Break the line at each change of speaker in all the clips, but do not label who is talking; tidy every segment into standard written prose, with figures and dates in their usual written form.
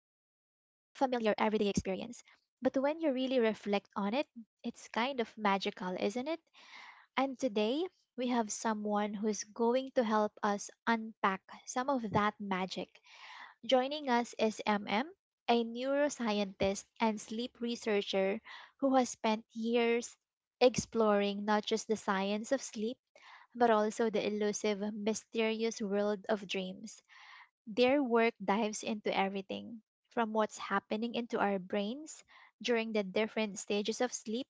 familiar everyday experience, but when you really reflect on it, it's kind of magical, isn't it? And today, we have someone who's going to help us unpack some of that magic. Joining us is MM, a neuroscientist and sleep researcher who has spent years exploring not just the science of sleep, but also the elusive, mysterious world of dreams. Their work dives into everything from what's happening into our brains during the different stages of sleep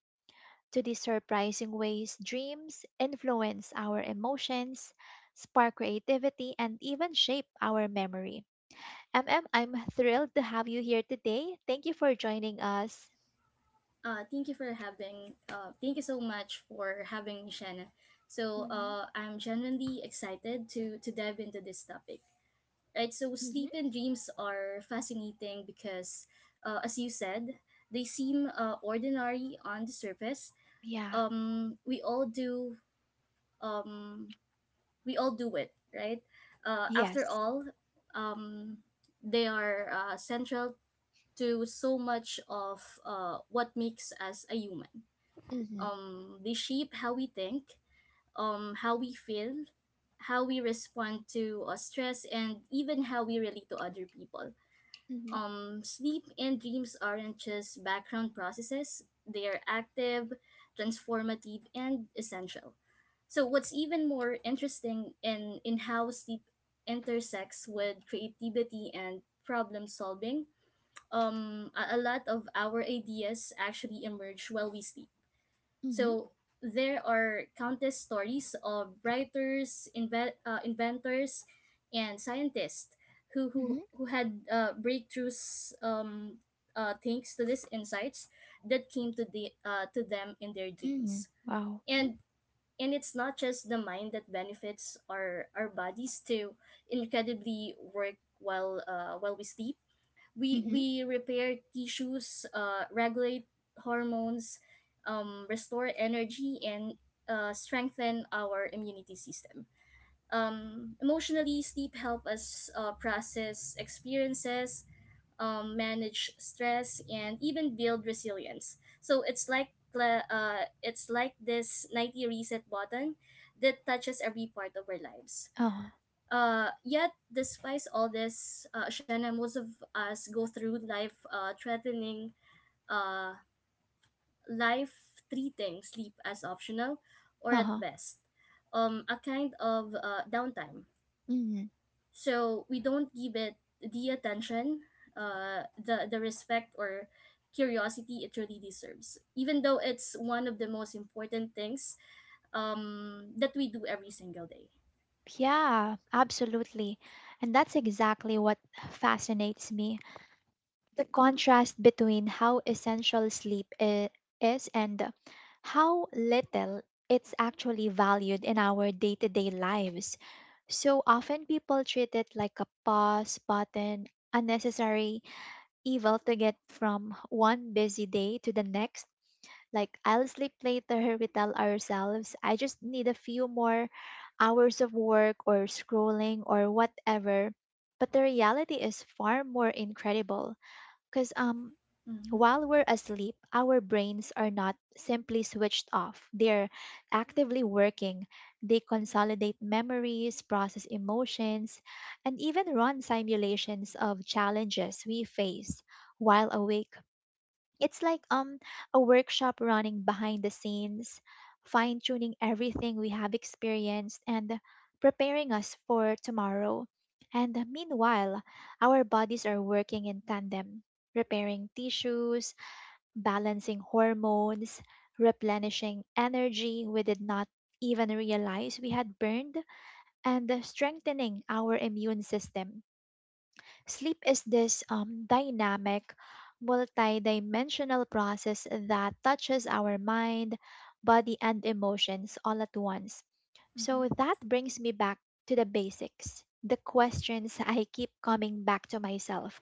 to the surprising ways dreams influence our emotions, spark creativity, and even shape our memory. MM, I'm thrilled to have you here today. Thank you for joining us.
Thank you for having. Thank you so much for having me, Shanna. So,
Hmm.
I'm genuinely excited to dive into this topic. Right. So
Hmm.
sleep and dreams are fascinating because, as you said, they seem ordinary on the surface.
Yeah.
Um, we all do. Um, we all do it, right? After
Yes.
all, um, they are central to so much of what makes us a human.
Mm-hmm.
They shape how we think, how we feel, how we respond to stress, and even how we relate to other people.
Mm-hmm.
Sleep and dreams aren't just background processes. They are active, transformative, and essential. So what's even more interesting in how sleep intersects with creativity and problem solving. A lot of our ideas actually emerge while we sleep, so there are countless stories of writers, inventors, and scientists who who,
Mm-hmm.
who had breakthroughs, thanks to these insights that came to them in their
Mm-hmm.
dreams.
Wow.
And and it's not just the mind that benefits. Our bodies to incredibly work while we sleep. we
Mm-hmm.
we repair tissues, regulate hormones, restore energy, and strengthen our immunity system. Emotionally, sleep help us process experiences, manage stress, and even build resilience. So it's like this 90 reset button that touches every part of our lives.
Uh-huh.
Yet, despite all this, Shanna, most of us go through uh, life treating sleep as optional, or at
Uh-huh.
best, a kind of downtime.
Mm-hmm.
So we don't give it the attention, the respect, or curiosity it really deserves, even though it's one of the most important things that we do every single day.
Yeah, absolutely. And that's exactly what fascinates me. The contrast between how essential sleep is and how little it's actually valued in our day to day lives. So often people treat it like a pause button, unnecessary evil to get from one busy day to the next. Like, I'll sleep later, we tell ourselves. I just need a few more hours of work or scrolling or whatever. But the reality is far more incredible because
Mm-hmm.
while we're asleep, our brains are not simply switched off. They're actively working. They consolidate memories, process emotions, and even run simulations of challenges we face while awake. It's like a workshop running behind the scenes, fine tuning everything we have experienced and preparing us for tomorrow. And meanwhile, our bodies are working in tandem, repairing tissues, balancing hormones, replenishing energy we did not even realize we had burned, and strengthening our immune system. Sleep is this dynamic, multi-dimensional process that touches our mind, body, and emotions all at once.
Mm-hmm.
So that brings me back to the basics, the questions I keep coming back to myself.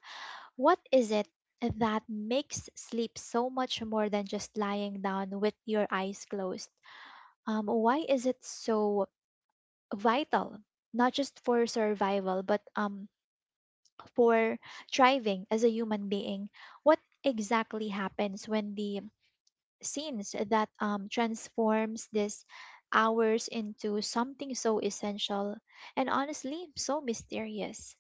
What is it that makes sleep so much more than just lying down with your eyes closed? Why is it so vital? Not just for survival, but for thriving as a human being. What exactly happens when the scenes that transforms these hours into something so essential and honestly so mysterious?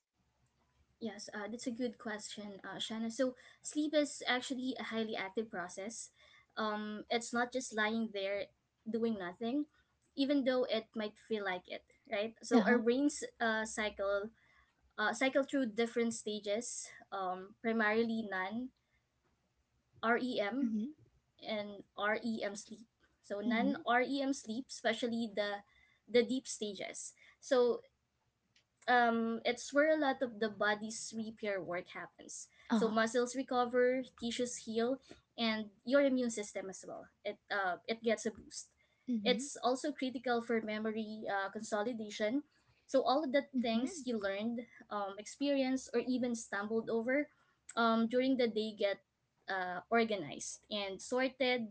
Yes, that's a good question, Shanna. So sleep is actually a highly active process. It's not just lying there doing nothing, even though it might feel like it, right?
Uh
So our
huh.
brains cycle through different stages, primarily non REM
Mhm.
and REM sleep. So non
Mhm.
REM sleep, especially the deep stages. So it's where a lot of the body's repair work happens.
Uh
So
huh.
muscles recover, tissues heal, and your immune system as well. It gets a boost.
Mhm.
It's also critical for memory consolidation. So all of the things
Mhm.
you learned, experienced, or even stumbled over during the day get organized and sorted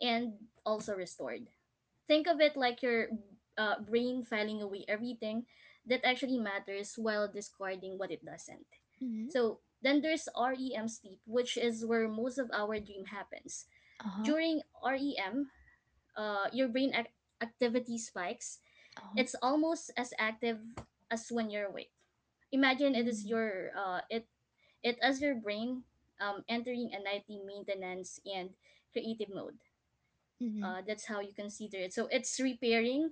and also restored. Think of it like your brain filing away everything that actually matters while discarding what it doesn't.
Mhm.
So then there's REM sleep, which is where most of our dream happens.
Uh huh.
During REM, your activity spikes.
Uh huh.
It's almost as active as when you're awake. Imagine it is
Mhm.
your it as your brain entering a nightly maintenance and creative mode.
Mhm.
That's how you consider it. So it's repairing,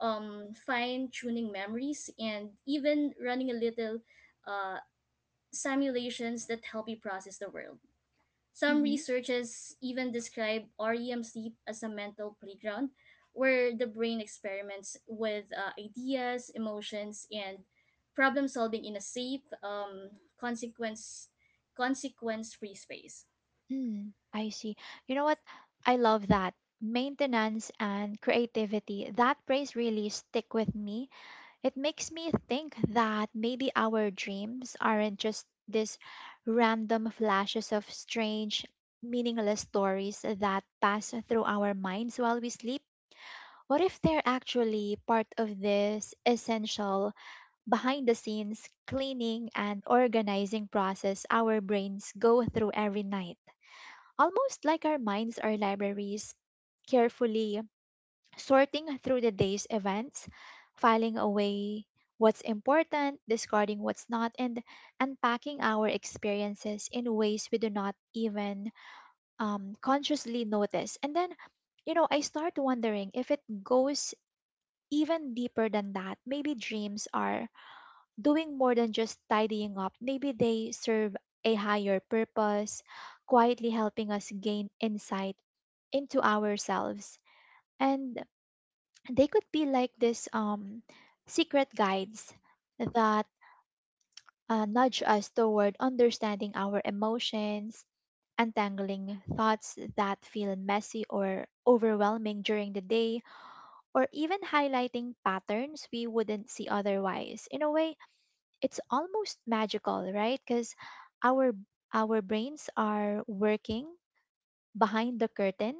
fine tuning memories and even running a little uh, simulations that help you process the world. Some
Mhm.
researchers even describe REM sleep as a mental playground where the brain experiments with ideas, emotions, and problem solving in a safe, consequence consequence free space.
Mhm. I see. You know what? I love that. Maintenance and creativity, that phrase really stick with me. It makes me think that maybe our dreams aren't just these random flashes of strange, meaningless stories that pass through our minds while we sleep. What if they're actually part of this essential, behind the scenes cleaning and organizing process our brains go through every night? Almost like our minds are libraries, carefully sorting through the day's events, filing away what's important, discarding what's not, and unpacking our experiences in ways we do not even consciously notice. And then, I start wondering if it goes even deeper than that. Maybe dreams are doing more than just tidying up, maybe they serve a higher purpose, quietly helping us gain insight into ourselves. And they could be like this secret guides that nudge us toward understanding our emotions, untangling thoughts that feel messy or overwhelming during the day, or even highlighting patterns we wouldn't see otherwise. In a way, it's almost magical, right? Because our our brains are working behind the curtain,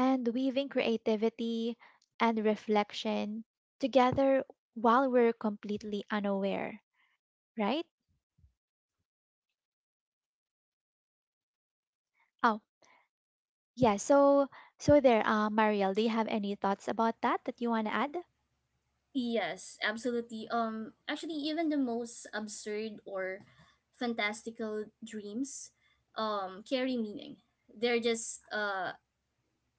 and weaving creativity and reflection together while we're completely unaware, right? Oh, yeah. So there, Mariel, do you have any thoughts about that that you want to add?
Yes, absolutely. Actually, even the most absurd or fantastical dreams, carry meaning. They're just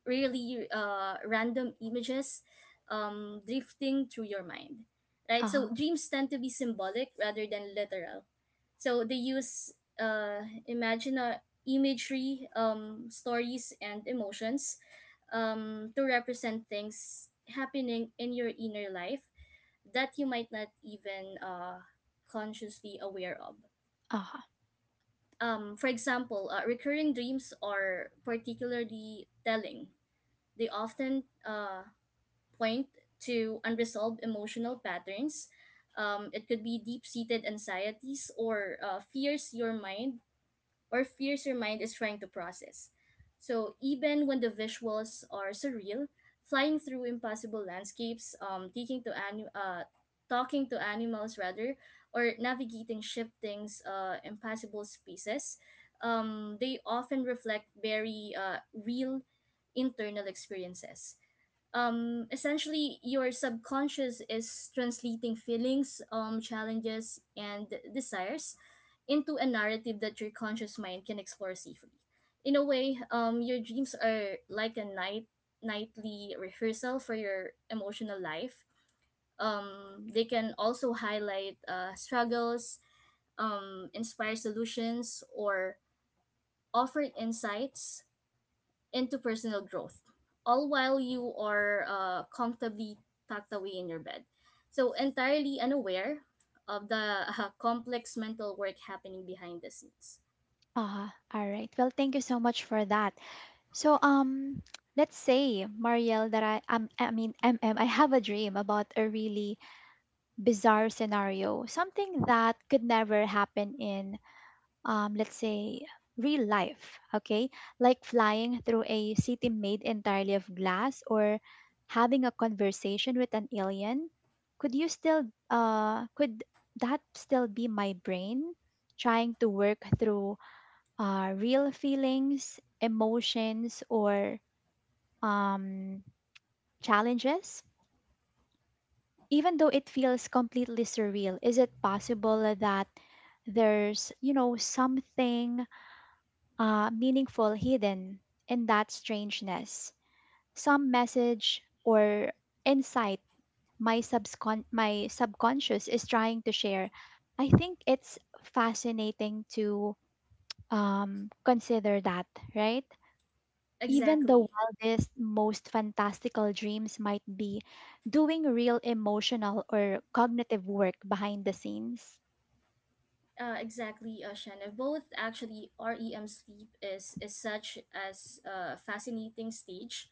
really random images drifting through your mind, right?
Uh
So
huh.
dreams tend to be symbolic rather than literal. So they use uh, imaginar imagery, stories, and emotions to represent things happening in your inner life that you might not even consciously aware of.
Uh huh.
For example, recurring dreams are particularly telling. They often point to unresolved emotional patterns. It could be deep seated anxieties or fears your mind is trying to process. So even when the visuals are surreal, flying through impossible landscapes, talking to animals rather, or navigating shifting impassable spaces, they often reflect very real internal experiences. Essentially your subconscious is translating feelings, challenges, and desires into a narrative that your conscious mind can explore safely. In a way, your dreams are like a nightly rehearsal for your emotional life. They can also highlight struggles, inspire solutions, or offer insights into personal growth, all while you are comfortably tucked away in your bed. So, entirely unaware of the complex mental work happening behind the scenes.
Uh huh. All right. Well, thank you so much for that. So, let's say, Mariel, that I mean, MM, I have a dream about a really bizarre scenario, something that could never happen in let's say, real life, okay? Like flying through a city made entirely of glass or having a conversation with an alien, could you still, could that still be my brain trying to work through real feelings, emotions, or um, challenges? Even though it feels completely surreal, is it possible that there's something meaningful hidden in that strangeness. Some message or insight my subconscious is trying to share. I think it's fascinating to consider that, right? Even the
Exactly.
wildest, most fantastical dreams might be doing real emotional or cognitive work behind the scenes.
Exactly, Shanna. Both actually, REM sleep is such as a fascinating stage,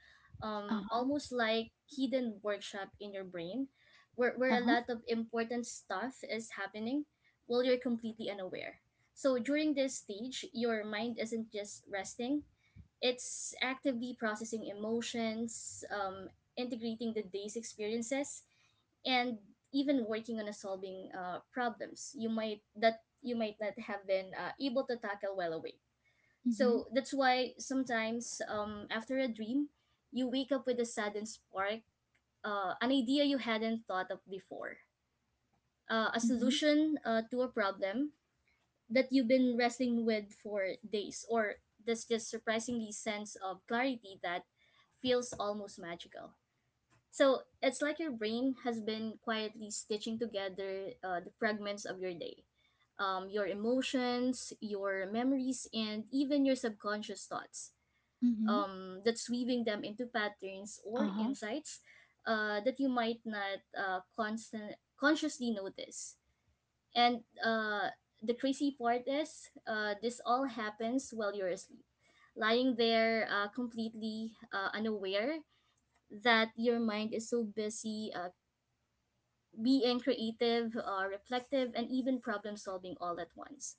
Uh huh.
almost like hidden workshop in your brain, where
Uh
a
huh.
lot of important stuff is happening, while you're completely unaware. So during this stage, your mind isn't just resting; it's actively processing emotions, integrating the day's experiences, and even working on a solving problems you might not have been able to tackle well awake.
Mm hmm.
So that's why sometimes, after a dream, you wake up with a sudden spark, an idea you hadn't thought of before, a
Mm hmm.
solution to a problem that you've been wrestling with for days, or this just surprisingly sense of clarity that feels almost magical. So it's like your brain has been quietly stitching together the fragments of your day, your emotions, your memories, and even your subconscious thoughts,
Mm hmm.
that's weaving them into patterns or
Uh huh.
insights that you might not constant consciously notice. And the crazy part is, this all happens while you're asleep, lying there completely unaware that your mind is so busy being creative, reflective, and even problem solving all at once.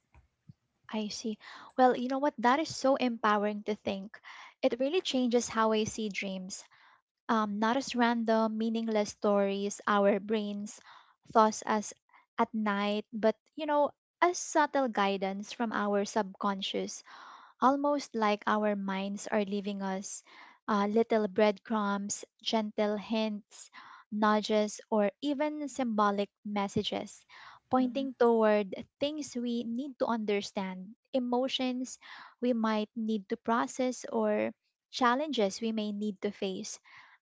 I see. Well, you know what? That is so empowering to think. It really changes how I see dreams. Not as random, meaningless stories our brains thoughts as at night, but as subtle guidance from our subconscious, almost like our minds are leaving us little breadcrumbs, gentle hints, nudges, or even symbolic messages pointing toward things we need to understand, emotions we might need to process, or challenges we may need to face.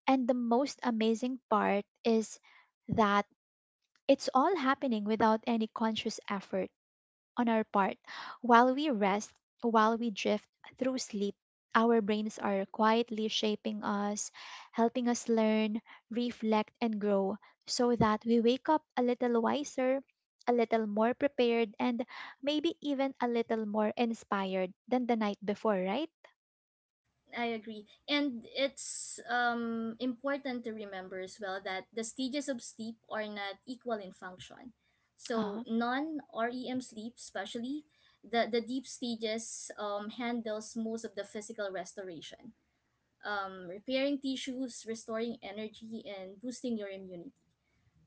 And the most amazing part is that it's all happening without any conscious effort on our part. While we rest, while we drift through sleep, our brains are quietly shaping us, helping us learn, reflect, and grow so that we wake up a little wiser, a little more prepared, and maybe even a little more inspired than the night before, right?
I agree. And it's important to remember as well that the stages of sleep are not equal in function. So
Uh-huh.
non REM sleep, especially the deep stages, handles most of the physical restoration, repairing tissues, restoring energy, and boosting your immunity.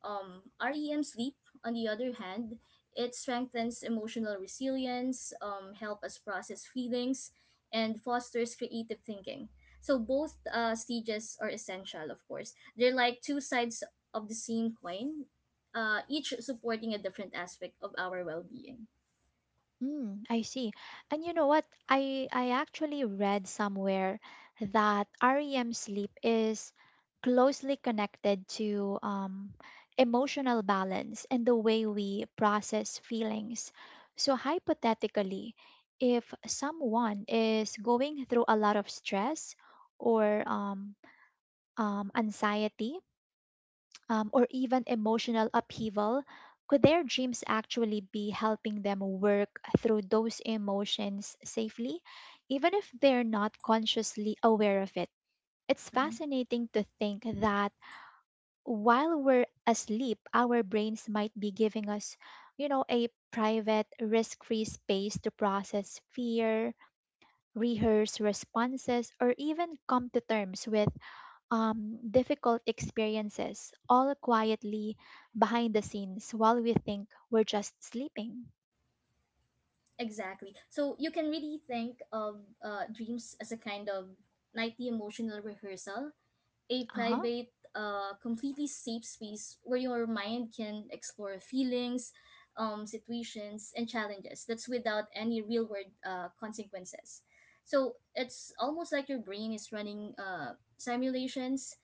REM sleep, on the other hand, it strengthens emotional resilience, help us process feelings, and fosters creative thinking. So both stages are essential, of course. They're like two sides of the same coin, each supporting a different aspect of our well-being.
Mm, I see. And you know what? I actually read somewhere that REM sleep is closely connected to emotional balance and the way we process feelings. So hypothetically, if someone is going through a lot of stress or anxiety, or even emotional upheaval, could their dreams actually be helping them work through those emotions safely, even if they're not consciously aware of it? It's
Mhm.
fascinating to think that while we're asleep, our brains might be giving us a private, risk free space to process fear, rehearse responses, or even come to terms with difficult experiences, all quietly behind the scenes while we think we're just sleeping.
Exactly. So you can really think of dreams as a kind of nightly emotional rehearsal, a
Uh huh.
private, completely safe space where your mind can explore feelings, situations, and challenges that's without any real world consequences. So it's almost like your brain is running simulations,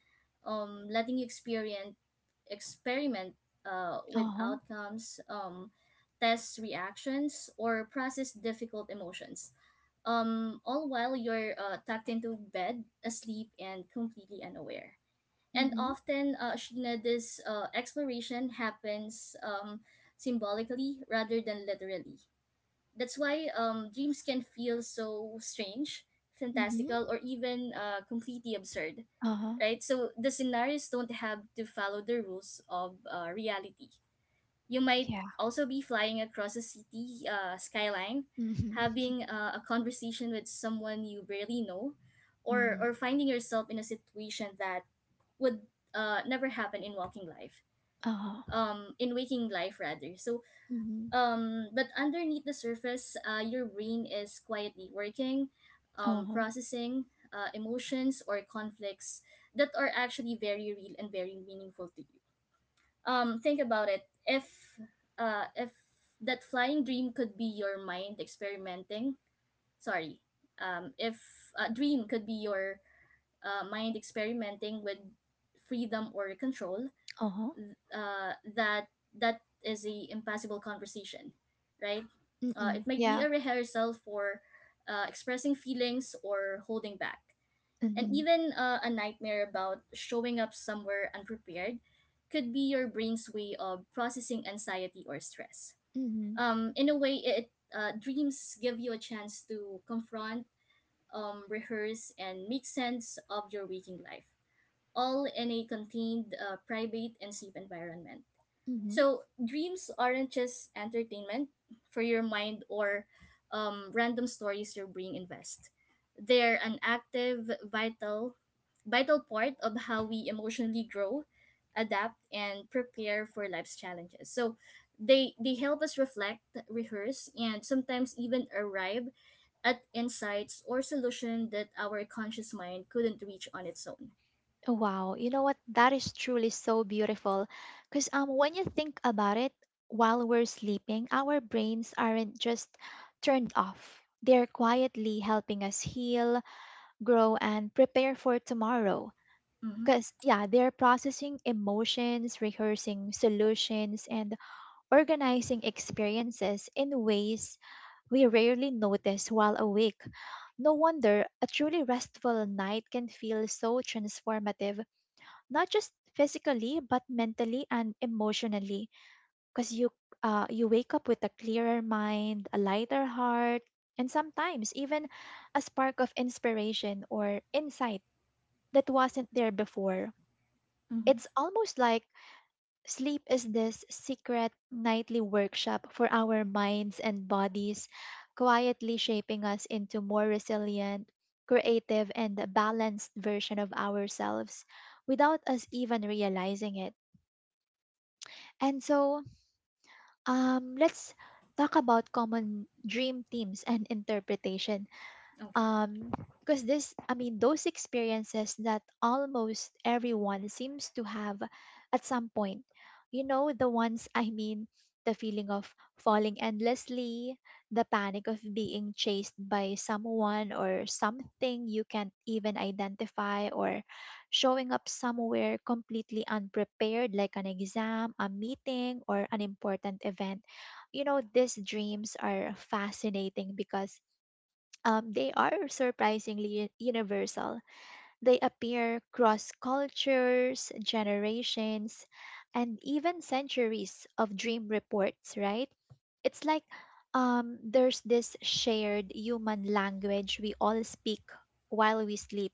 letting you experience experiment with
Uh huh.
outcomes, test reactions, or process difficult emotions, all while you're tucked into bed, asleep, and completely unaware. And
Mm-hmm.
often, Sheena, this exploration happens, symbolically rather than literally. That's why, dreams can feel so strange,
Mm-hmm.
fantastical, or even completely absurd,
Uh huh.
right? So the scenarios don't have to follow the rules of reality. You might
Yeah.
also be flying across a city skyline,
Mm-hmm.
having a conversation with someone you barely know, or,
Mm-hmm.
or finding yourself in a situation that would never happen
Uh huh.
in waking life rather, so
Mm-hmm.
but underneath the surface, your brain is quietly working,
Uh huh.
processing emotions or conflicts that are actually very real and very meaningful to you. Think about it. If that flying dream could be your mind experimenting, sorry, if a dream could be your mind experimenting with freedom or control,
Uh huh.
uh, that that is a impossible conversation, right? It
Mm-mm.
might be
Yeah.
a rehearsal for expressing feelings or holding back, and
Mm-hmm.
even a nightmare about showing up somewhere unprepared could be your brain's way of processing anxiety or stress.
Mm-hmm.
In a way, it dreams give you a chance to confront, rehearse, and make sense of your waking life, all in a contained, private, and safe environment.
Mm-hmm.
So dreams aren't just entertainment for your mind or random stories your brain invest. They're an active, vital part of how we emotionally grow, adapt, and prepare for life's challenges. So they help us reflect, rehearse, and sometimes even arrive at insights or solution that our conscious mind couldn't reach on its own.
Wow, you know what? That is truly so beautiful. Because when you think about it, while we're sleeping, our brains aren't just turned off. They're quietly helping us heal, grow and prepare for tomorrow,
Mm-hmm.
because yeah, they're processing emotions, rehearsing solutions, and organizing experiences in ways we rarely notice while awake. No wonder a truly restful night can feel so transformative, not just physically but mentally and emotionally, because you wake up with a clearer mind, a lighter heart, and sometimes even a spark of inspiration or insight that wasn't there before.
Mm-hmm.
It's almost like sleep is this secret nightly workshop for our minds and bodies, quietly shaping us into more resilient, creative, and balanced version of ourselves without us even realizing it. And so, let's talk about common dream themes and interpretation,
Okay.
um because this, I mean, those experiences that almost everyone seems to have at some point, you know the ones I mean? The feeling of falling endlessly, the panic of being chased by someone or something you can't even identify, or showing up somewhere completely unprepared, like an exam, a meeting, or an important event. You know, these dreams are fascinating because they are surprisingly universal. They appear cross cultures, generations, and even centuries of dream reports, right? It's like there's this shared human language we all speak while we sleep,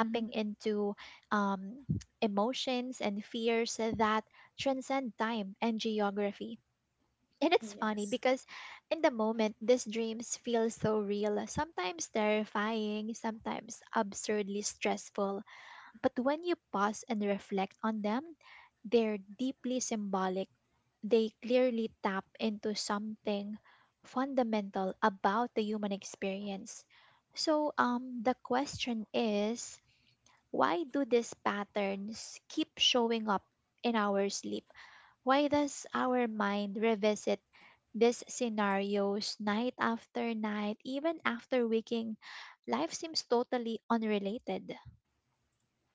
Mm-hmm.
into um, emotions and fears that transcend time and geography. And it's funny
Yes.
because in the moment, these dreams feel so real, sometimes terrifying, sometimes absurdly stressful. But when you pause and reflect on them, they're deeply symbolic. They clearly tap into something fundamental about the human experience. So, the question is why do these patterns keep showing up in our sleep? Why does our mind revisit these scenarios night after night, even after waking? Life seems totally unrelated.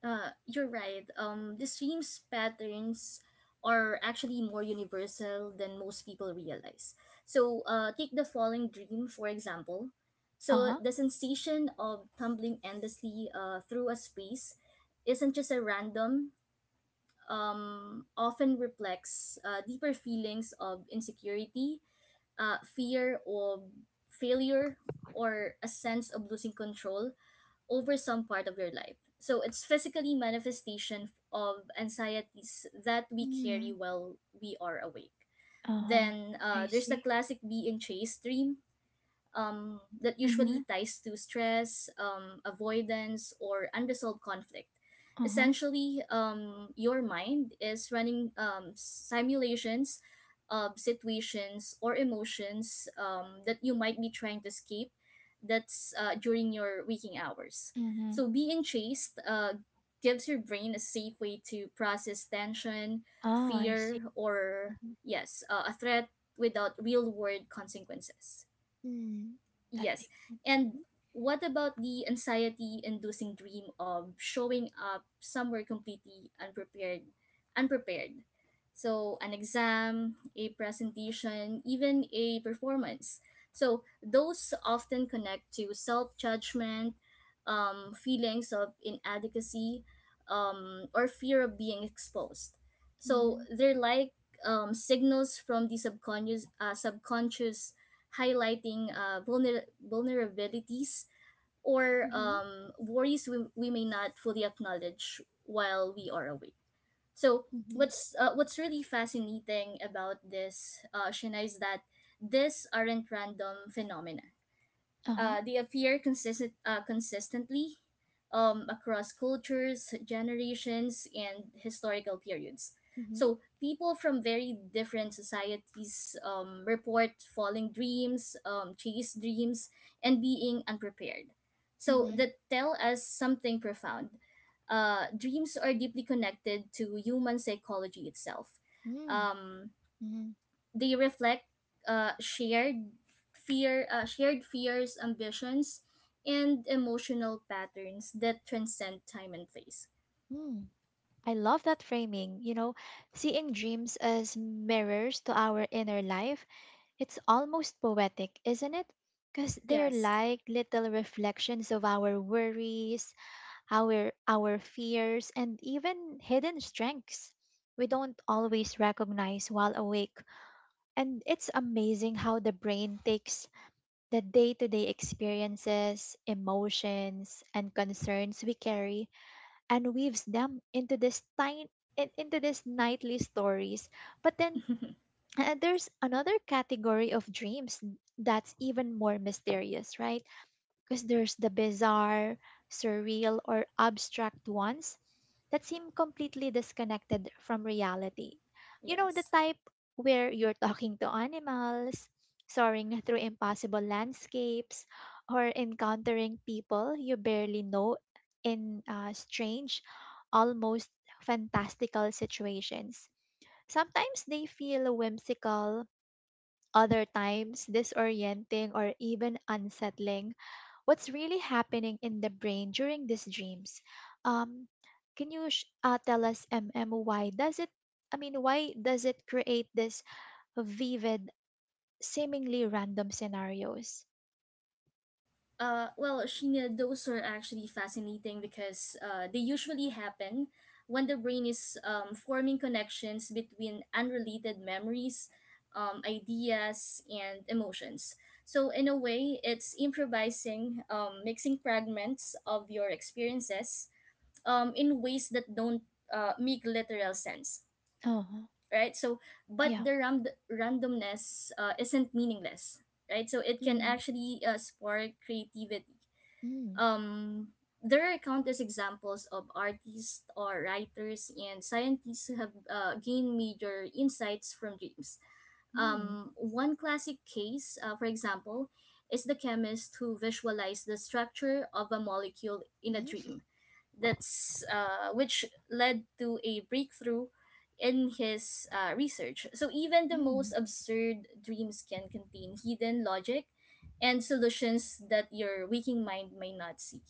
You're right. The stream's patterns are actually more universal than most people realize. So, take the falling dream, for example.
Uh
So
huh.
the sensation of tumbling endlessly through a space isn't just a random, often reflects deeper feelings of insecurity, fear of failure, or a sense of losing control over some part of your life. So it's physically manifestation of anxieties that we carry
Mm.
while we are awake.
Uh huh.
Then
I
there's the
see.
classic being chased dream, that
Mm-hmm.
usually ties to stress, avoidance, or unresolved conflict.
Uh huh.
Essentially, your mind is running simulations of situations or emotions that you might be trying to escape that's during your waking hours.
Mm-hmm.
So, being chased gives your brain a safe way to process tension,
Oh, I see.
fear, or
Mm-hmm.
yes, a threat without real world consequences.
Mm. That
Yes.
makes sense.
And
Mm-hmm.
what about the anxiety inducing dream of showing up somewhere completely unprepared? So an exam, a presentation, even a performance. So those often connect to self judgment, feelings of inadequacy, or fear of being exposed. So
Mm-hmm.
they're like signals from the subconscious highlighting vulnerabilities or worries we may not fully acknowledge while we are awake. So
Mm-hmm.
what's really fascinating about this, Shana, is that these aren't random phenomena.
Uh huh.
They appear consistently across cultures, generations, and historical periods.
Mm-hmm.
So people from very different societies report falling dreams, chase dreams, and being unprepared. So
Mm-hmm.
that tell us something profound. Dreams are deeply connected to human psychology itself.
Mm.
Um,
Mm-hmm.
they reflect uh, shared shared fears, ambitions, and emotional patterns that transcend time and place.
Mm. I love that framing. Seeing dreams as mirrors to our inner life, it's almost poetic, isn't it? Because they're
Yes,
like little reflections of our worries, our fears, and even hidden strengths we don't always recognize while awake. And it's amazing how the brain takes the day-to-day experiences, emotions, and concerns we carry and weaves them into this tiny into this nightly stories. But then and there's another category of dreams that's even more mysterious, right? Because there's the bizarre, surreal, or abstract ones that seem completely disconnected from reality. You know, the
yes.
type where you're talking to animals, soaring through impossible landscapes, or encountering people you barely know in strange, almost fantastical situations. Sometimes they feel whimsical, other times disorienting or even unsettling. What's really happening in the brain during these dreams? Um, can you tell us, MM, why does it? I mean, why does it create this vivid, seemingly random scenarios?
Well, Sheena, those are actually fascinating because they usually happen when the brain is forming connections between unrelated memories, ideas, and emotions. So, in a way, it's improvising, mixing fragments of your experiences in ways that don't make literal sense,
Uh-huh.
right? So, but
Yeah.
the randomness isn't meaningless, right? So it can
Mm-hmm.
actually spark creativity. Um, there are countless examples of artists or writers and scientists who have gained major insights from dreams.
Mm-hmm.
One classic case, for example, is the chemist who visualized the structure of a molecule in a dream that's which led to a breakthrough in his research. So even the
Mm-hmm.
most absurd dreams can contain hidden logic and solutions that your waking mind may not see.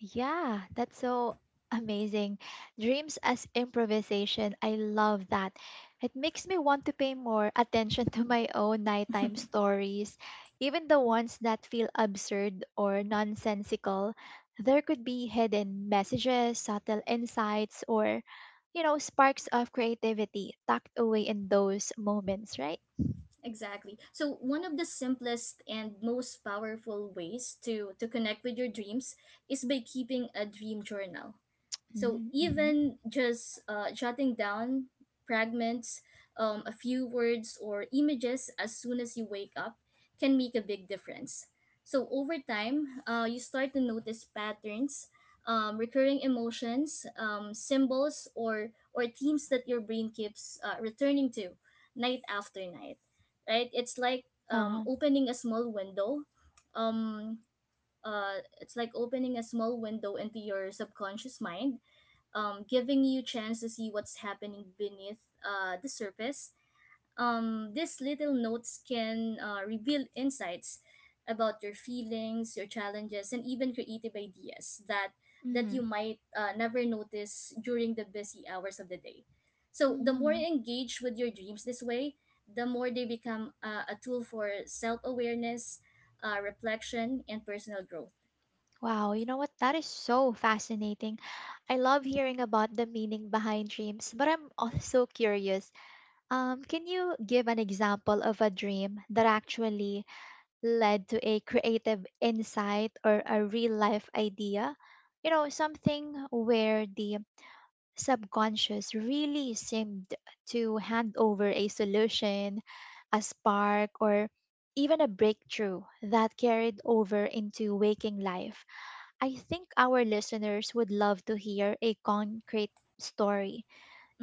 Yeah, that's so amazing. Dreams as improvisation. I love that. It makes me want to pay more attention to my own nighttime stories, even the ones that feel absurd or nonsensical. There could be hidden messages, subtle insights, or, you know, sparks of creativity tucked away in those moments, right?
Exactly. So one of the simplest and most powerful ways to connect with your dreams is by keeping a dream journal. So
Mm-hmm. Mm-hmm.
even just jotting down fragments, a few words or images as soon as you wake up can make a big difference. So over time, you start to notice patterns, recurring emotions, symbols, or themes that your brain keeps returning to, night after night. Right? It's like
Uh-huh.
opening a small window. Um, it's like opening a small window into your subconscious mind, giving you chance to see what's happening beneath the surface. These little notes can reveal insights about your feelings, your challenges, and even creative ideas that
Mm-hmm.
you might never notice during the busy hours of the day. So the more
Mm-hmm.
you engage with your dreams this way, the more they become a tool for self awareness, reflection, and personal growth.
Wow, you know what? That is so fascinating. I love hearing about the meaning behind dreams, but I'm also curious. Can you give an example of a dream that actually led to a creative insight or a real life idea? You know, something where the subconscious really seemed to hand over a solution, a spark, or even a breakthrough that carried over into waking life. I think our listeners would love to hear a concrete story.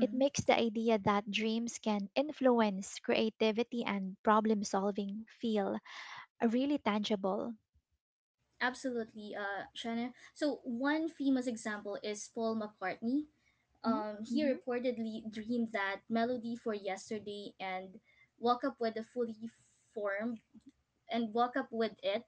It makes the idea that dreams can influence creativity and problem solving feel really tangible.
Absolutely, Shanna. So one famous example is Paul McCartney.
Mm?
He
Mm-hmm.
reportedly dreamed that melody for "Yesterday" woke up with a fully formed and woke up with it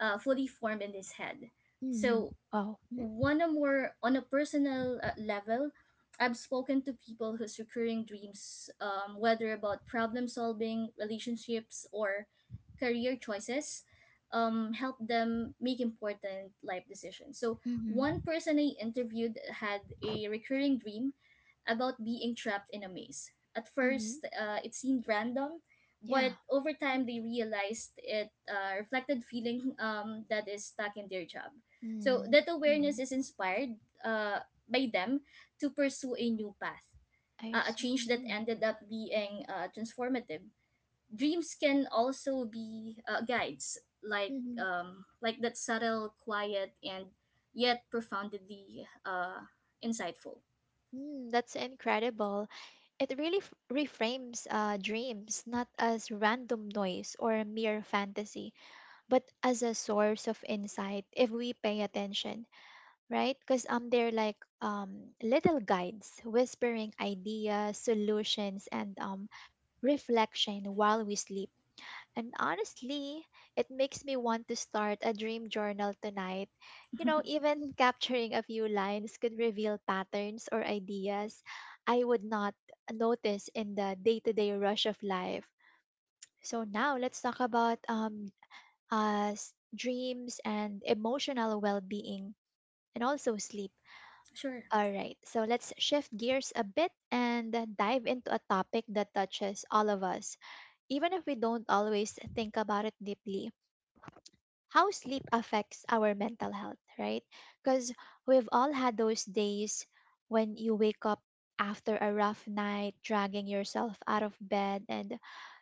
fully formed in his head.
Mm-hmm.
So
Oh. Hmm?
one or more on a personal level, I've spoken to people whose recurring dreams, whether about problem solving relationships or career choices, help them make important life decisions. So
Mm-hmm.
one person I interviewed had a recurring dream about being trapped in a maze. At
Mm-hmm.
first, it seemed random,
Yeah.
but over time they realized it reflected feeling that is stuck in their job. So
Mm-hmm.
that
Mm-hmm.
awareness is inspired uh, by them to pursue a new path,
I
a
see.
change that
Mm-hmm.
ended up being transformative. Dreams can also be guides, like that subtle, quiet, and yet profoundly insightful.
Mm, that's incredible. It really reframes dreams not as random noise or mere fantasy, but as a source of insight if we pay attention, right? Because they're like little guides whispering ideas, solutions, and reflection while we sleep. And honestly, it makes me want to start a dream journal tonight. You know, even capturing a few lines could reveal patterns or ideas I would not notice in the day to day rush of life. So now let's talk about as dreams and emotional well being, and also sleep.
Sure.
All right, so let's shift gears a bit and dive into a topic that touches all of us, even if we don't always think about it deeply: how sleep affects our mental health, right? Because we've all had those days when you wake up after a rough night, dragging yourself out of bed, and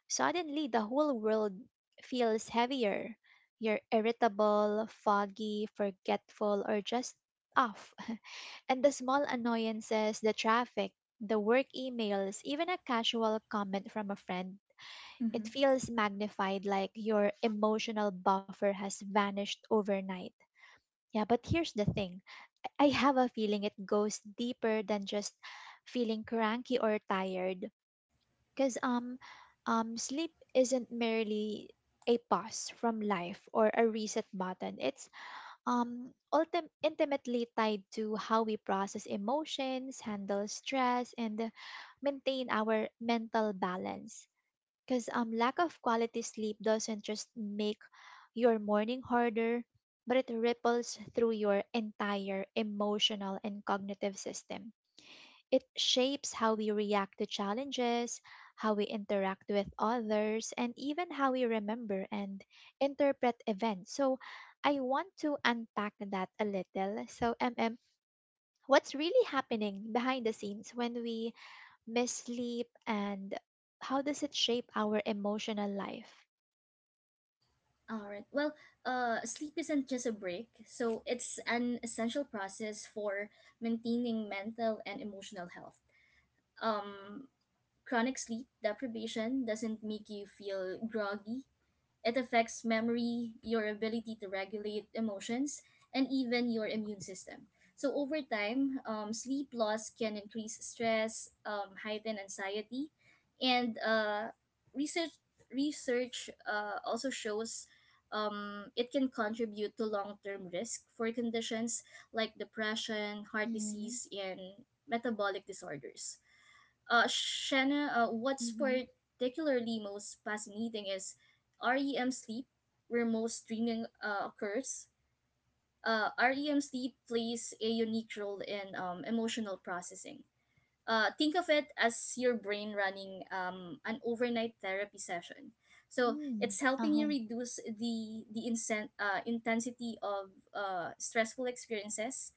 suddenly the whole world feels heavier. You're irritable, foggy, forgetful, or just off. And the small annoyances, the traffic, the work emails, even a casual comment from a friend, it
Mm-hmm.
feels magnified, like your emotional buffer has vanished overnight. Yeah, but here's the thing, I have a feeling it goes deeper than just feeling cranky or tired. Because sleep isn't merely a pause from life or a reset button. It's intimately tied to how we process emotions, handle stress, and maintain our mental balance. Because lack of quality sleep doesn't just make your morning harder, but it ripples through your entire emotional and cognitive system. It shapes how we react to challenges, how we interact with others, and even how we remember and interpret events. So, I want to unpack that a little. So, MM, what's really happening behind the scenes when we miss sleep, and how does it shape our emotional life?
All right. Well, sleep isn't just a break, so it's an essential process for maintaining mental and emotional health. Um, chronic sleep deprivation doesn't make you feel groggy, it affects memory, your ability to regulate emotions, and even your immune system. So, over time, sleep loss can increase stress, heighten anxiety, and research research also shows it can contribute to long term risk for conditions like depression, heart
Mm.
disease, and metabolic disorders. Shanna, what's
Mm-hmm.
particularly most fascinating is REM sleep, where most dreaming occurs. REM sleep plays a unique role in emotional processing. Think of it as your brain running an overnight therapy session. So
Mm.
it's helping you
Uh-huh.
reduce the intensity of stressful experiences,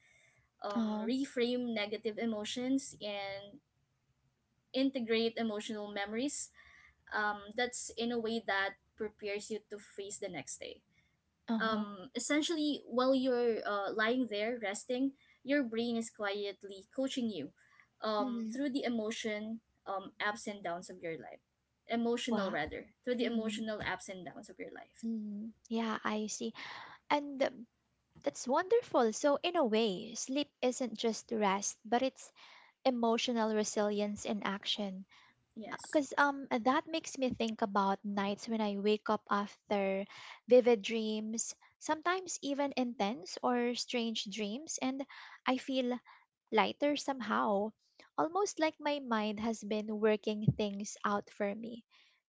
Uh-huh.
reframe negative emotions, and integrate emotional memories that's in a way that prepares you to face the next day.
Uh-huh.
Essentially, while you're lying there resting, your brain is quietly coaching you
Mm.
through the emotion ups and downs of your life emotional
Wow.
rather through the
Mm.
emotional ups and downs of your life.
Mm. Yeah, I see. And that's wonderful. So, in a way, sleep isn't just rest, but it's emotional resilience in action.
Yes.
Because that makes me think about nights when I wake up after vivid dreams, sometimes even intense or strange dreams, and I feel lighter somehow, almost like my mind has been working things out for me,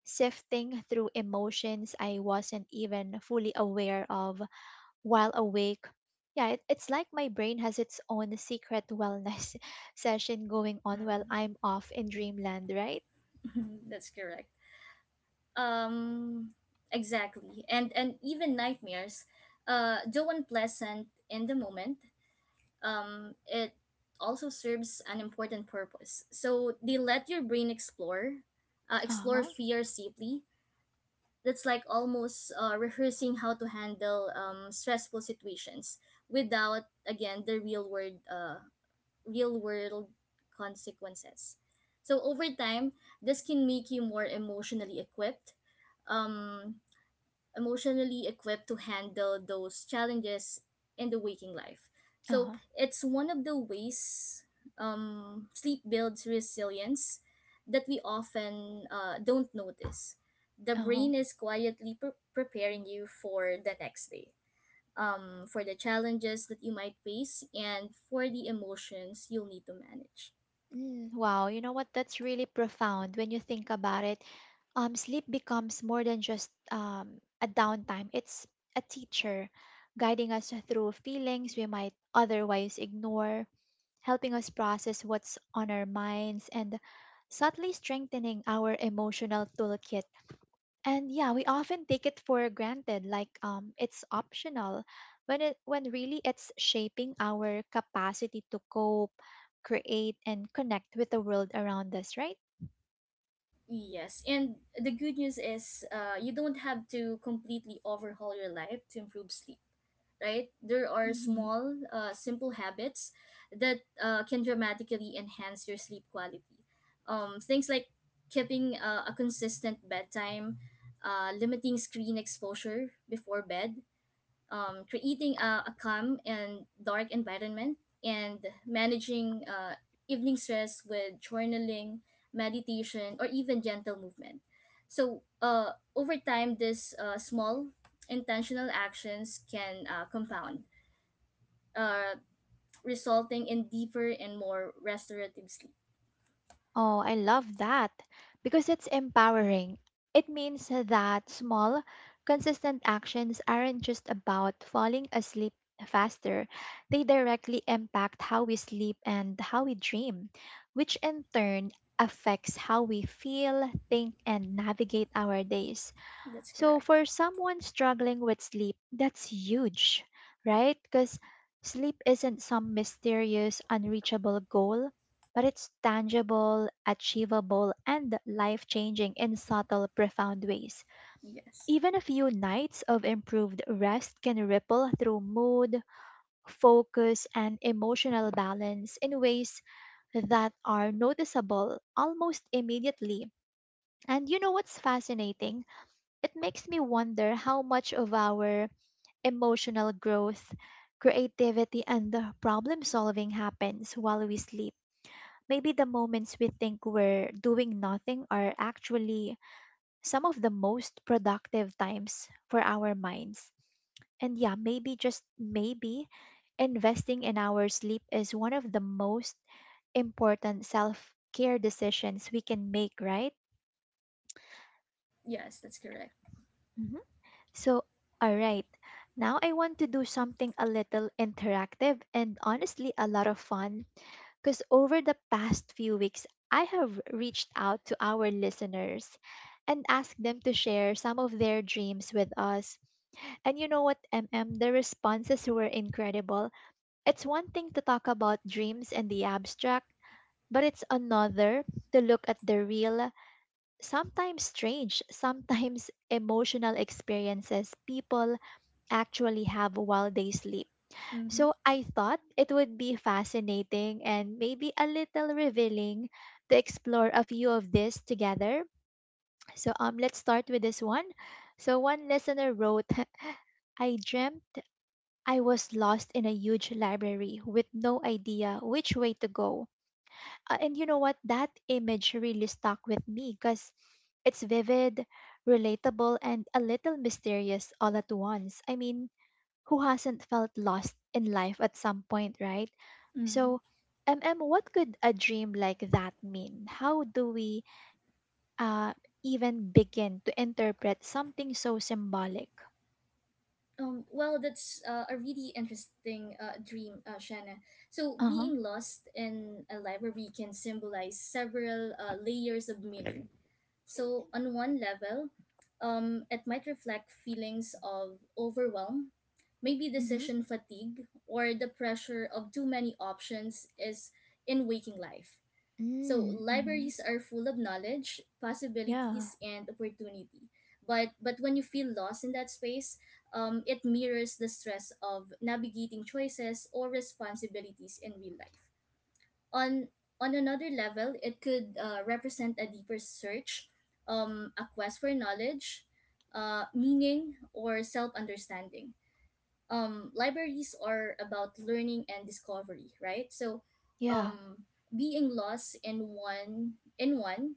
sifting through emotions I wasn't even fully aware of while awake. Yeah, it's like my brain has its own secret wellness session going on while
Hmm.
I'm off in dreamland, right?
That's correct. um, exactly. And even nightmares, though unpleasant in the moment, it also serves an important purpose. So they let your brain explore, uh,
Uh
explore
huh.
fear safely. That's like almost rehearsing how to handle stressful situations without, again, real world consequences. So over time, this can make you more emotionally equipped. Um, emotionally equipped to handle those challenges in the waking life. So
Uh-huh.
it's one of the ways sleep builds resilience that we often don't notice. The
Uh-huh.
brain is quietly preparing you for the next day, for the challenges that you might face, and for the emotions you'll need to manage.
Mm, wow, you know what? That's really profound when you think about it. Sleep becomes more than just a downtime. It's a teacher guiding us through feelings we might otherwise ignore, helping us process what's on our minds, and subtly strengthening our emotional toolkit. And yeah, we often take it for granted, like it's optional, when really it's shaping our capacity to cope, create, and connect with the world around us, right?
Yes, and the good news is you don't have to completely overhaul your life to improve sleep, right? There are
Hmm.
small, simple habits that can dramatically enhance your sleep quality. Things like keeping a consistent bedtime, limiting screen exposure before bed, creating a calm and dark environment, and managing evening stress with journaling, meditation, or even gentle movement. So, over time, these small intentional actions can compound, uh, resulting in deeper and more restorative sleep.
Oh, I love that because it's empowering. It means that small, consistent actions aren't just about falling asleep faster, they directly impact how we sleep and how we dream, which in turn affects how we feel, think, and navigate our days.
That's
So
correct.
for someone struggling with sleep, that's huge, right? Because sleep isn't some mysterious, unreachable goal, but it's tangible, achievable, and life changing in subtle, profound ways.
Yes.
Even a few nights of improved rest can ripple through mood, focus, and emotional balance in ways that are noticeable almost immediately. And you know what's fascinating? It makes me wonder how much of our emotional growth, creativity, and the problem solving happens while we sleep. Maybe the moments we think we're doing nothing are actually some of the most productive times for our minds. And yeah, maybe just maybe investing in our sleep is one of the most important self care decisions we can make, right?
Yes, that's correct.
So, alright, now I want to do something a little interactive and honestly a lot of fun, because over the past few weeks, I have reached out to our listeners and asked them to share some of their dreams with us. And you know what, MM, the responses were incredible. It's one thing to talk about dreams in the abstract, but it's another to look at the real, sometimes strange, sometimes emotional experiences people actually have while they sleep.
Mm-hmm.
So I thought it would be fascinating and maybe a little revealing to explore a few of these together. So let's start with this one. So one listener wrote, I dreamt I was lost in a huge library with no idea which way to go. And you know what? That image really stuck with me because it's vivid, relatable, and a little mysterious all at once. I mean, who hasn't felt lost in life at some point, right?
Mm-hmm.
So, MM, what could a dream like that mean? How do we uh, even begin to interpret something so symbolic?
Well, that's a really interesting dream, Shanna. So,
Uh huh.
being lost in a library can symbolize several layers of meaning. So, on one level, it might reflect feelings of overwhelm, maybe
Mm-hmm.
decision fatigue, or the pressure of too many options is in waking life. So,
Mm-hmm.
libraries are full of knowledge,
Yeah.
possibilities, and opportunity. But when you feel lost in that space, it mirrors the stress of navigating choices or responsibilities in real life. On, on another level, it could represent a deeper search, a quest for knowledge, meaning, or self understanding. Libraries are about learning and discovery, right? So,
Yeah.
um, being lost in one in one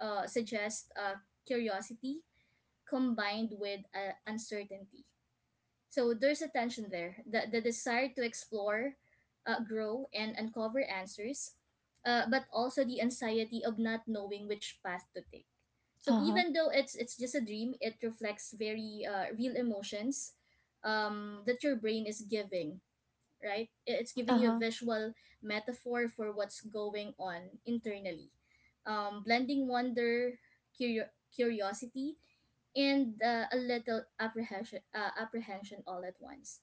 uh, suggests curiosity combined with uncertainty. So there's a tension there, the desire to explore, grow, and uncover answers, but also the anxiety of not knowing which path to take. So
Uh huh.
even though it's just a dream, it reflects very real emotions that your brain is giving, right? I- It's
Uh
giving you a
huh.
visual metaphor for what's going on internally. Blending wonder, curiosity, and a little apprehension all at once.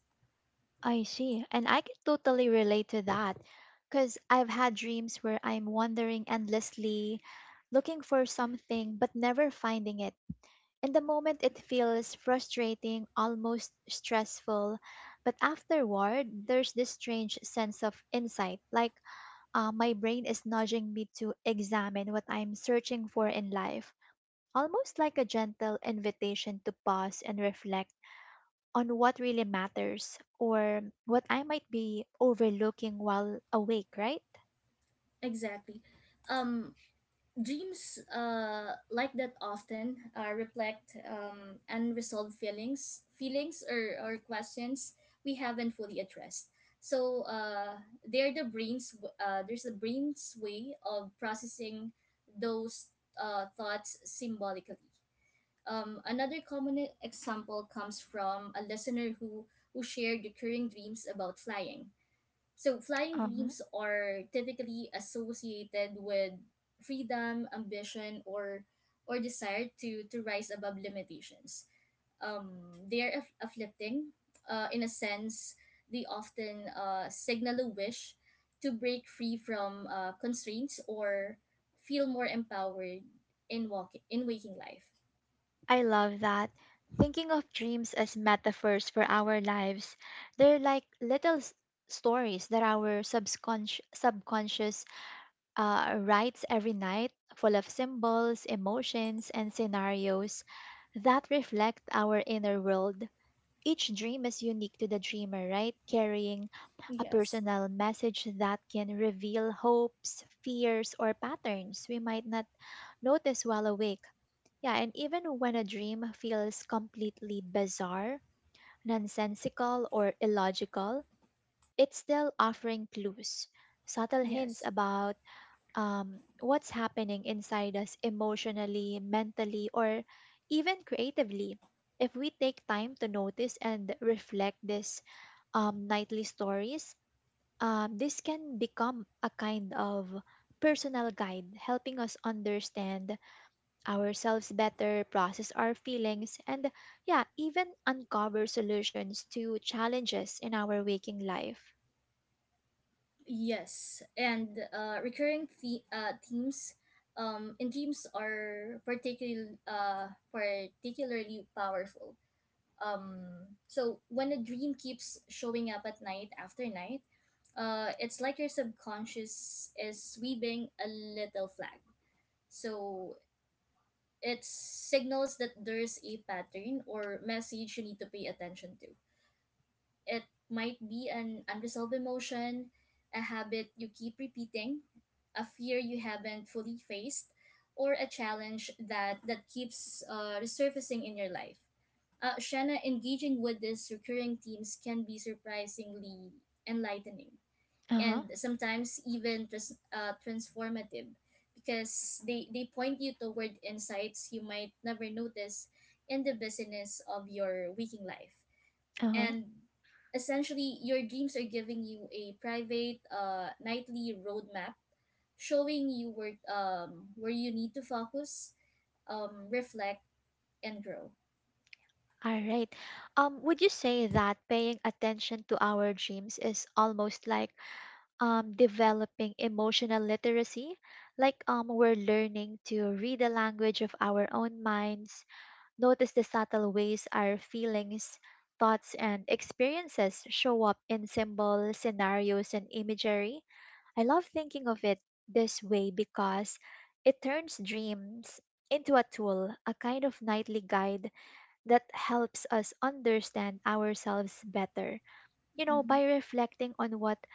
I see. And I can totally relate to that because I've had dreams where I'm wandering endlessly, looking for something, but never finding it. In the moment, it feels frustrating, almost stressful. But afterward, there's this strange sense of insight. Like my brain is nudging me to examine what I'm searching for in life, almost like a gentle invitation to pause and reflect on what really matters or what I might be overlooking while awake, right?
Exactly. um dreams like that often reflect unresolved feelings or questions we haven't fully addressed. So they're the brain's w- there's the brain's way of processing those thoughts symbolically. Another common example comes from a listener who shared recurring dreams about flying. So, flying
Uh-huh.
dreams are typically associated with freedom, ambition, or desire to rise above limitations. Um, they are afflicting. In a sense, they often signal a wish to break free from constraints or feel more empowered in waking life.
I love that. Thinking of dreams as metaphors for our lives, they're like stories that our subconscious writes every night, full of symbols, emotions, and scenarios that reflect our inner world. Each dream is unique to the dreamer, right? Carrying a
Yes.
personal message that can reveal hopes, fears, or patterns we might not notice while awake. Yeah, and even when a dream feels completely bizarre, nonsensical, or illogical, it's still offering clues, subtle hints
Yes,
about what's happening inside us emotionally, mentally, or even creatively. If we take time to notice and reflect these nightly stories, this can become a kind of personal guide, helping us understand ourselves better, process our feelings, and yeah, even uncover solutions to challenges in our waking life.
yes, and recurring themes in dreams are particularly powerful. So when a dream keeps showing up at night after night, it's like your subconscious is waving a little flag. So it signals that there's a pattern or message you need to pay attention to. It might be an unresolved emotion, a habit you keep repeating, a fear you haven't fully faced, or a challenge that keeps resurfacing in your life. Shanna, engaging with these recurring themes can be surprisingly enlightening
Uh huh.
and sometimes even transformative because they point you toward insights you might never notice in the busyness of your waking life.
Uh huh.
And essentially your dreams are giving you a private nightly roadmap, showing you where you need to focus, reflect, and grow.
All right. Would you say that paying attention to our dreams is almost like developing emotional literacy? Like we're learning to read the language of our own minds, notice the subtle ways our feelings, thoughts, and experiences show up in symbols, scenarios, and imagery? I love thinking of it this way because it turns dreams into a tool, a kind of nightly guide that helps us understand ourselves better. You know,
Mhm.
by reflecting on what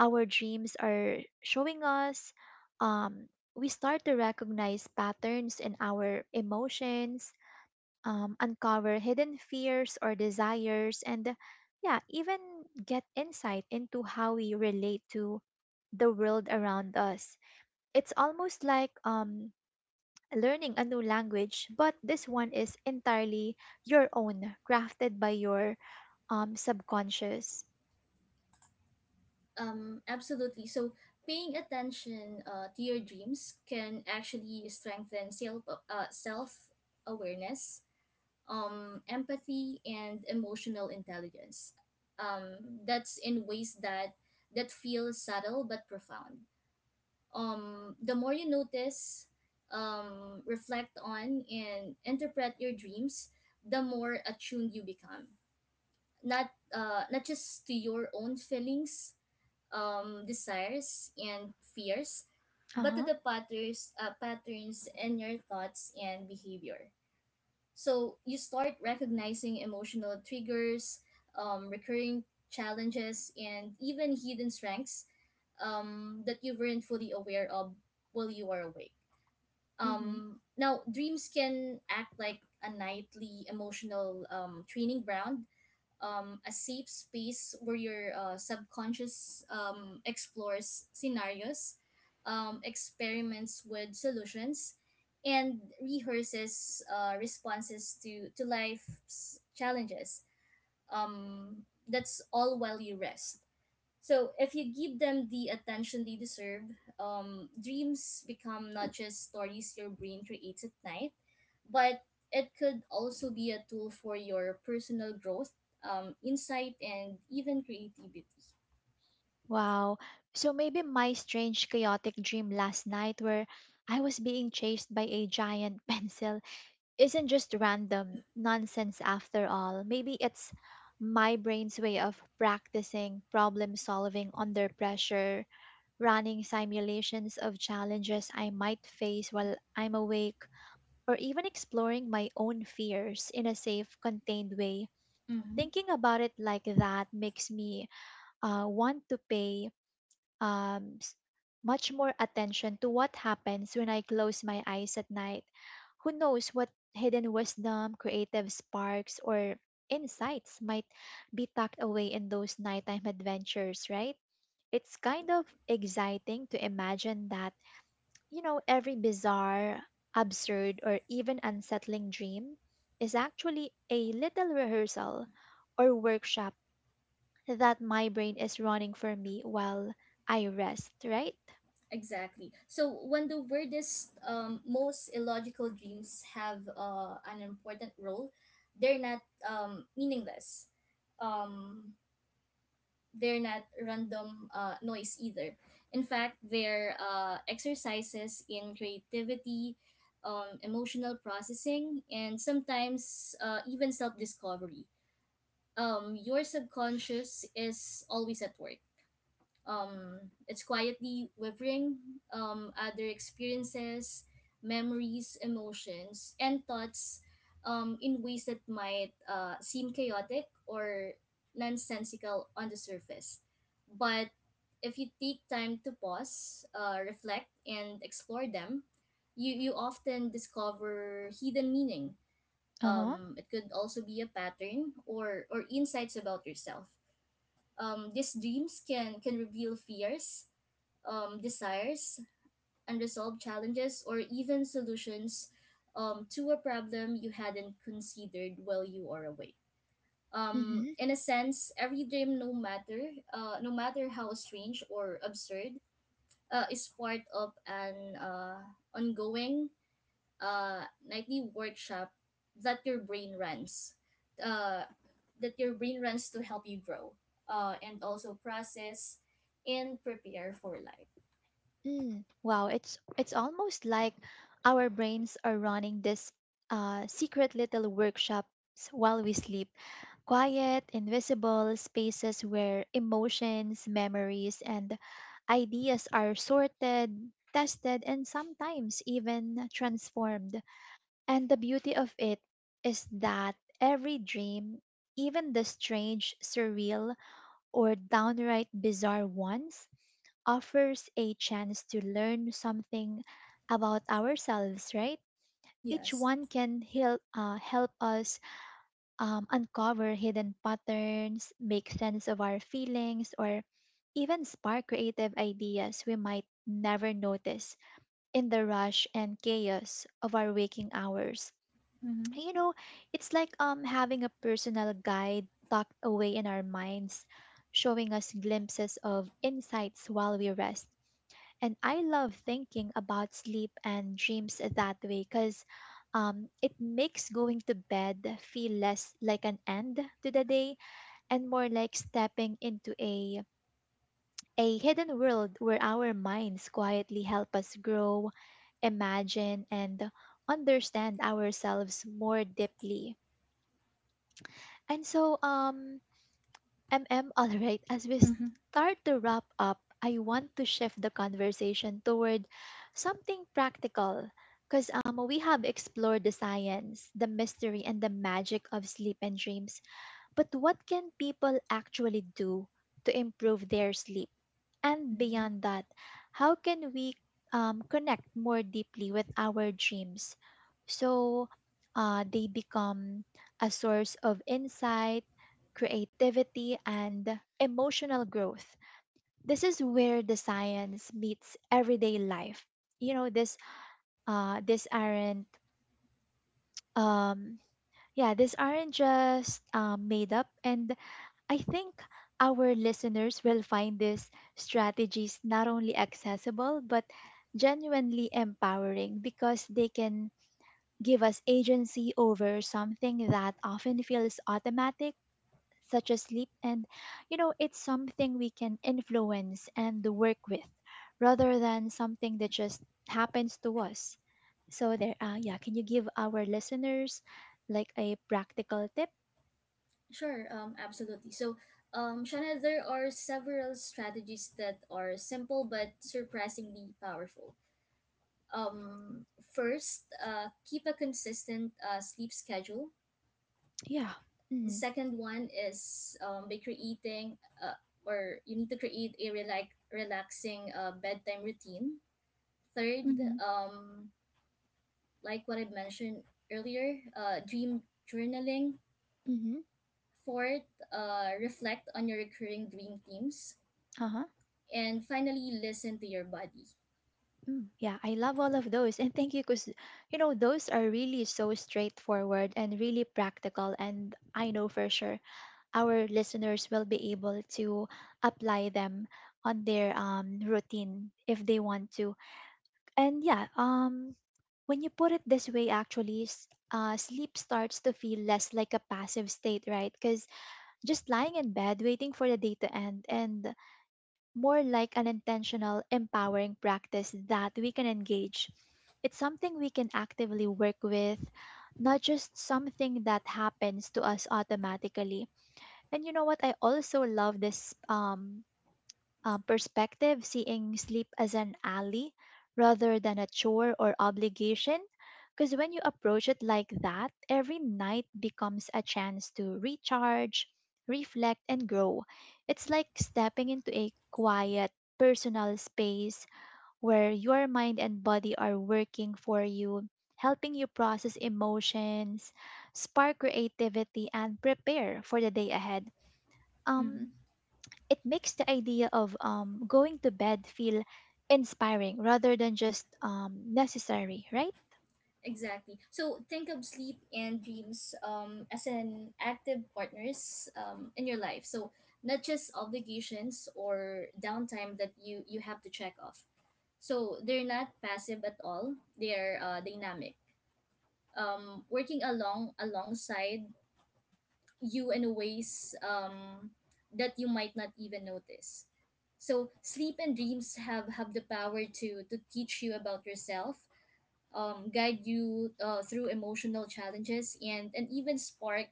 our dreams are showing us, um, we start to recognize patterns in our emotions, uncover hidden fears or desires, and yeah, even get insight into how we relate to the world around us. It's almost like learning a new language, but this one is entirely your own, crafted by your subconscious.
Absolutely. So paying attention to your dreams can actually strengthen self awareness, empathy, and emotional intelligence um, that's in ways that feel subtle but profound. The more you notice, reflect on, and interpret your dreams, the more attuned you become. Not just to your own feelings, desires, and fears,
Uh
but to
huh.
the patterns in your thoughts and behavior. So you start recognizing emotional triggers, recurring challenges, and even hidden strengths that you weren't fully aware of while you were awake.
Hmm.
Now, dreams can act like a nightly emotional training ground, a safe space where your subconscious explores scenarios, experiments with solutions, and rehearses responses to life's challenges. That's all while you rest. So if you give them the attention they deserve, dreams become not just stories your brain creates at night, but it could also be a tool for your personal growth, insight, and even creativity.
Wow. So maybe my strange, chaotic dream last night where I was being chased by a giant pencil isn't just random nonsense after all. Maybe it's my brain's way of practicing problem solving under pressure, running simulations of challenges I might face while I'm awake, or even exploring my own fears in a safe, contained way.
Mm-hmm.
Thinking about it like that makes me want to pay um, s- much more attention to what happens when I close my eyes at night. Who knows what hidden wisdom, creative sparks, or insights might be tucked away in those nighttime adventures, right? It's kind of exciting to imagine that, you know, every bizarre, absurd, or even unsettling dream is actually a little rehearsal or workshop that my brain is running for me while I rest, right?
Exactly. So when the weirdest, most illogical dreams have an important role, they're not meaningless. Um, they're not random noise either. In fact, they're exercises in creativity, emotional processing, and sometimes even self discovery. Your subconscious is always at work. It's quietly weathering other experiences, memories, emotions, and thoughts in ways that might seem chaotic or nonsensical on the surface. But if you take time to pause, reflect, and explore them, you often discover hidden meaning.
Uh huh.
It could also be a pattern or insights about yourself. These dreams can reveal fears, desires, unresolved challenges, or even solutions to a problem you hadn't considered while you are awake.
Mm-hmm.
In a sense, every dream, no matter how strange or absurd, is part of an ongoing nightly workshop that your brain runs uh, that your brain runs to help you grow and also process and prepare for life.
Mm. Wow, it's almost like our brains are running this secret little workshops while we sleep. Quiet, invisible spaces where emotions, memories, and ideas are sorted, tested, and sometimes even transformed. And the beauty of it is that every dream, even the strange, surreal, or downright bizarre ones, offers a chance to learn something about ourselves, right? Each
Yes.
one can heal, help us uncover hidden patterns, make sense of our feelings, or even spark creative ideas we might never notice in the rush and chaos of our waking hours.
Mm-hmm.
You know, it's like having a personal guide tucked away in our minds, showing us glimpses of insights while we rest. And I love thinking about sleep and dreams that way because it makes going to bed feel less like an end to the day and more like stepping into a hidden world where our minds quietly help us grow, imagine, and understand ourselves more deeply. And so, um, all right, as we start to wrap up, I want to shift the conversation toward something practical because we have explored the science, the mystery, and the magic of sleep and dreams. But what can people actually do to improve their sleep? And
Hmm.
beyond that, how can we connect more deeply with our dreams so they become a source of insight, creativity, and emotional growth? This is where the science meets everyday life. You know, this this aren't um, yeah, these aren't just made up, and I think our listeners will find these strategies not only accessible but genuinely empowering because they can give us agency over something that often feels automatic such as sleep, and you know, it's something we can influence and work with rather than something that just happens to us. So there, yeah, can you give our listeners like a practical tip?
Sure, absolutely. So, Shana, there are several strategies that are simple but surprisingly powerful. Um, First, keep a consistent sleep schedule.
Yeah.
The
Mm-hmm.
second one is by creating uh, or you need to create a relaxing bedtime routine. Third,
Mm-hmm.
um, like what I mentioned earlier, dream journaling.
Mm-hmm.
Fourth, reflect on your recurring dream themes.
Uh-huh.
And finally, listen to your body.
Mm, yeah, I love all of those. And thank you because, you know, those are really so straightforward and really practical. And I know for sure our listeners will be able to apply them on their routine if they want to. And yeah, when you put it this way, actually, sleep starts to feel less like a passive state, right? Because just lying in bed waiting for the day to end and more like an intentional, empowering practice that we can engage. It's something we can actively work with, not just something that happens to us automatically. And you know what? I also love this perspective, seeing sleep as an ally rather than a chore or obligation. Because when you approach it like that, every night becomes a chance to recharge, reflect, and grow. It's like stepping into a quiet, personal space where your mind and body are working for you, helping you process emotions, spark creativity, and prepare for the day ahead. Um,
Mm-hmm.
it makes the idea of going to bed feel inspiring rather than just necessary, right?
Exactly. So think of sleep and dreams as an active partners in your life. So not just obligations or downtime that you have to check off. So they're not passive at all. They're dynamic. Working along alongside you in ways that you might not even notice. So sleep and dreams have the power to teach you about yourself, guide you through emotional challenges, and even spark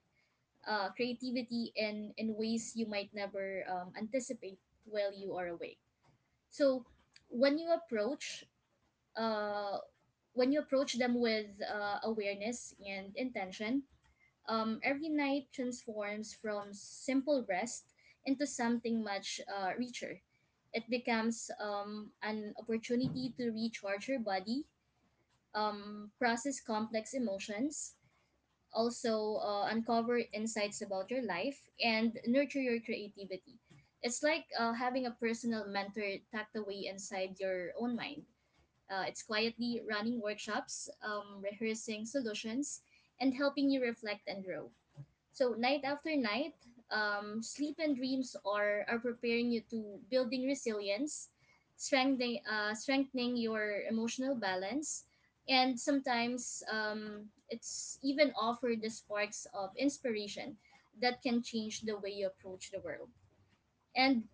creativity in ways you might never anticipate while you are away. So when you approach uh, when you approach them with awareness and intention, every night transforms from simple rest into something much richer. It becomes an opportunity to recharge your body, process complex emotions, also uncover insights about your life, and nurture your creativity. It's like having a personal mentor tucked away inside your own mind. It's quietly running workshops, rehearsing solutions, and helping you reflect and grow. So night after night, sleep and dreams are preparing you to building resilience, strengthening your emotional balance, and sometimes it's even offer the sparks of inspiration that can change the way you approach the world. And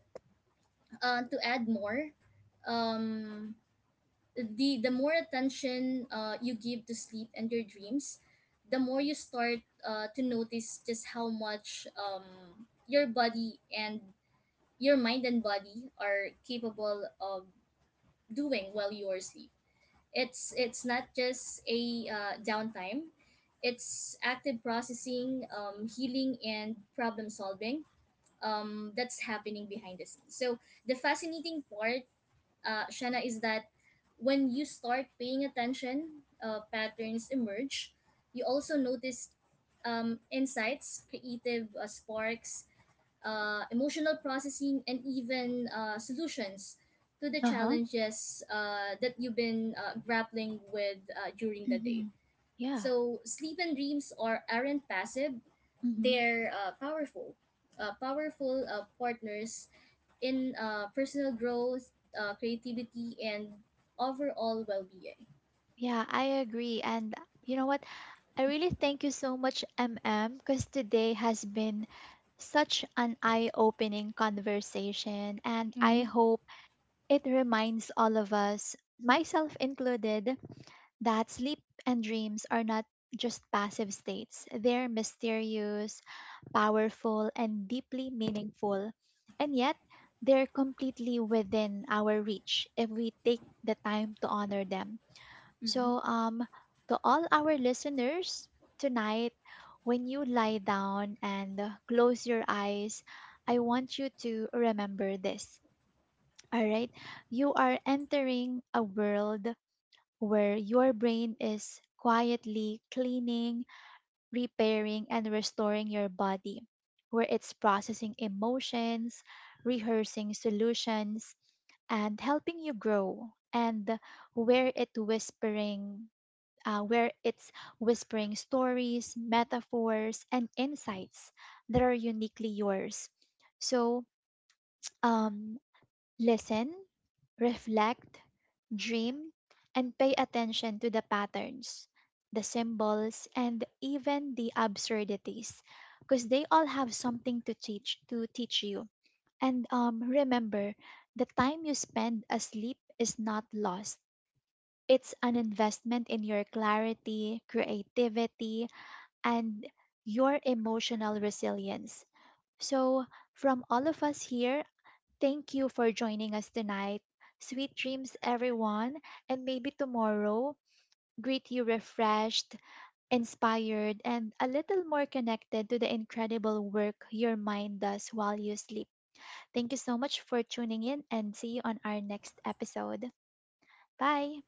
to add more, um, the more attention you give to sleep and your dreams, the more you start to notice just how much your body and your mind and body are capable of doing while you are asleep. It's not just a downtime. It's active processing, healing, and problem solving that's happening behind the scenes. So the fascinating part, Shanna, is that when you start paying attention, patterns emerge. You also notice insights, creative sparks, emotional processing, and even solutions to the
Uh huh.
challenges that you've been grappling with during the
Mm-hmm.
day.
Yeah.
So sleep and dreams aren't passive;
Mm-hmm.
they're powerful, powerful partners in personal growth, creativity, and overall well being.
Yeah, I agree. And you know what? I really thank you so much, M. M., because today has been such an eye opening conversation. And I
Mm-hmm.
hope it reminds all of us, myself included, that sleep and dreams are not just passive states, they're mysterious, powerful, and deeply meaningful. And yet, they're completely within our reach if we take the time to honor them. So,
Mhm.
to all our listeners tonight, when you lie down and close your eyes, I want you to remember this. All right, you are entering a world where your brain is quietly cleaning, repairing, and restoring your body, where it's processing emotions, rehearsing solutions, and helping you grow, and where it whispering. Where it's whispering stories, metaphors, and insights that are uniquely yours. So, um, listen, reflect, dream, and pay attention to the patterns, the symbols, and even the absurdities, because they all have something to teach you. And remember, the time you spend asleep is not lost. It's an investment in your clarity, creativity, and your emotional resilience. So, from all of us here, thank you for joining us tonight. Sweet dreams, everyone, and maybe tomorrow. Greet you refreshed, inspired, and a little more connected to the incredible work your mind does while you sleep. Thank you so much for tuning in, and see you on our next episode. Bye.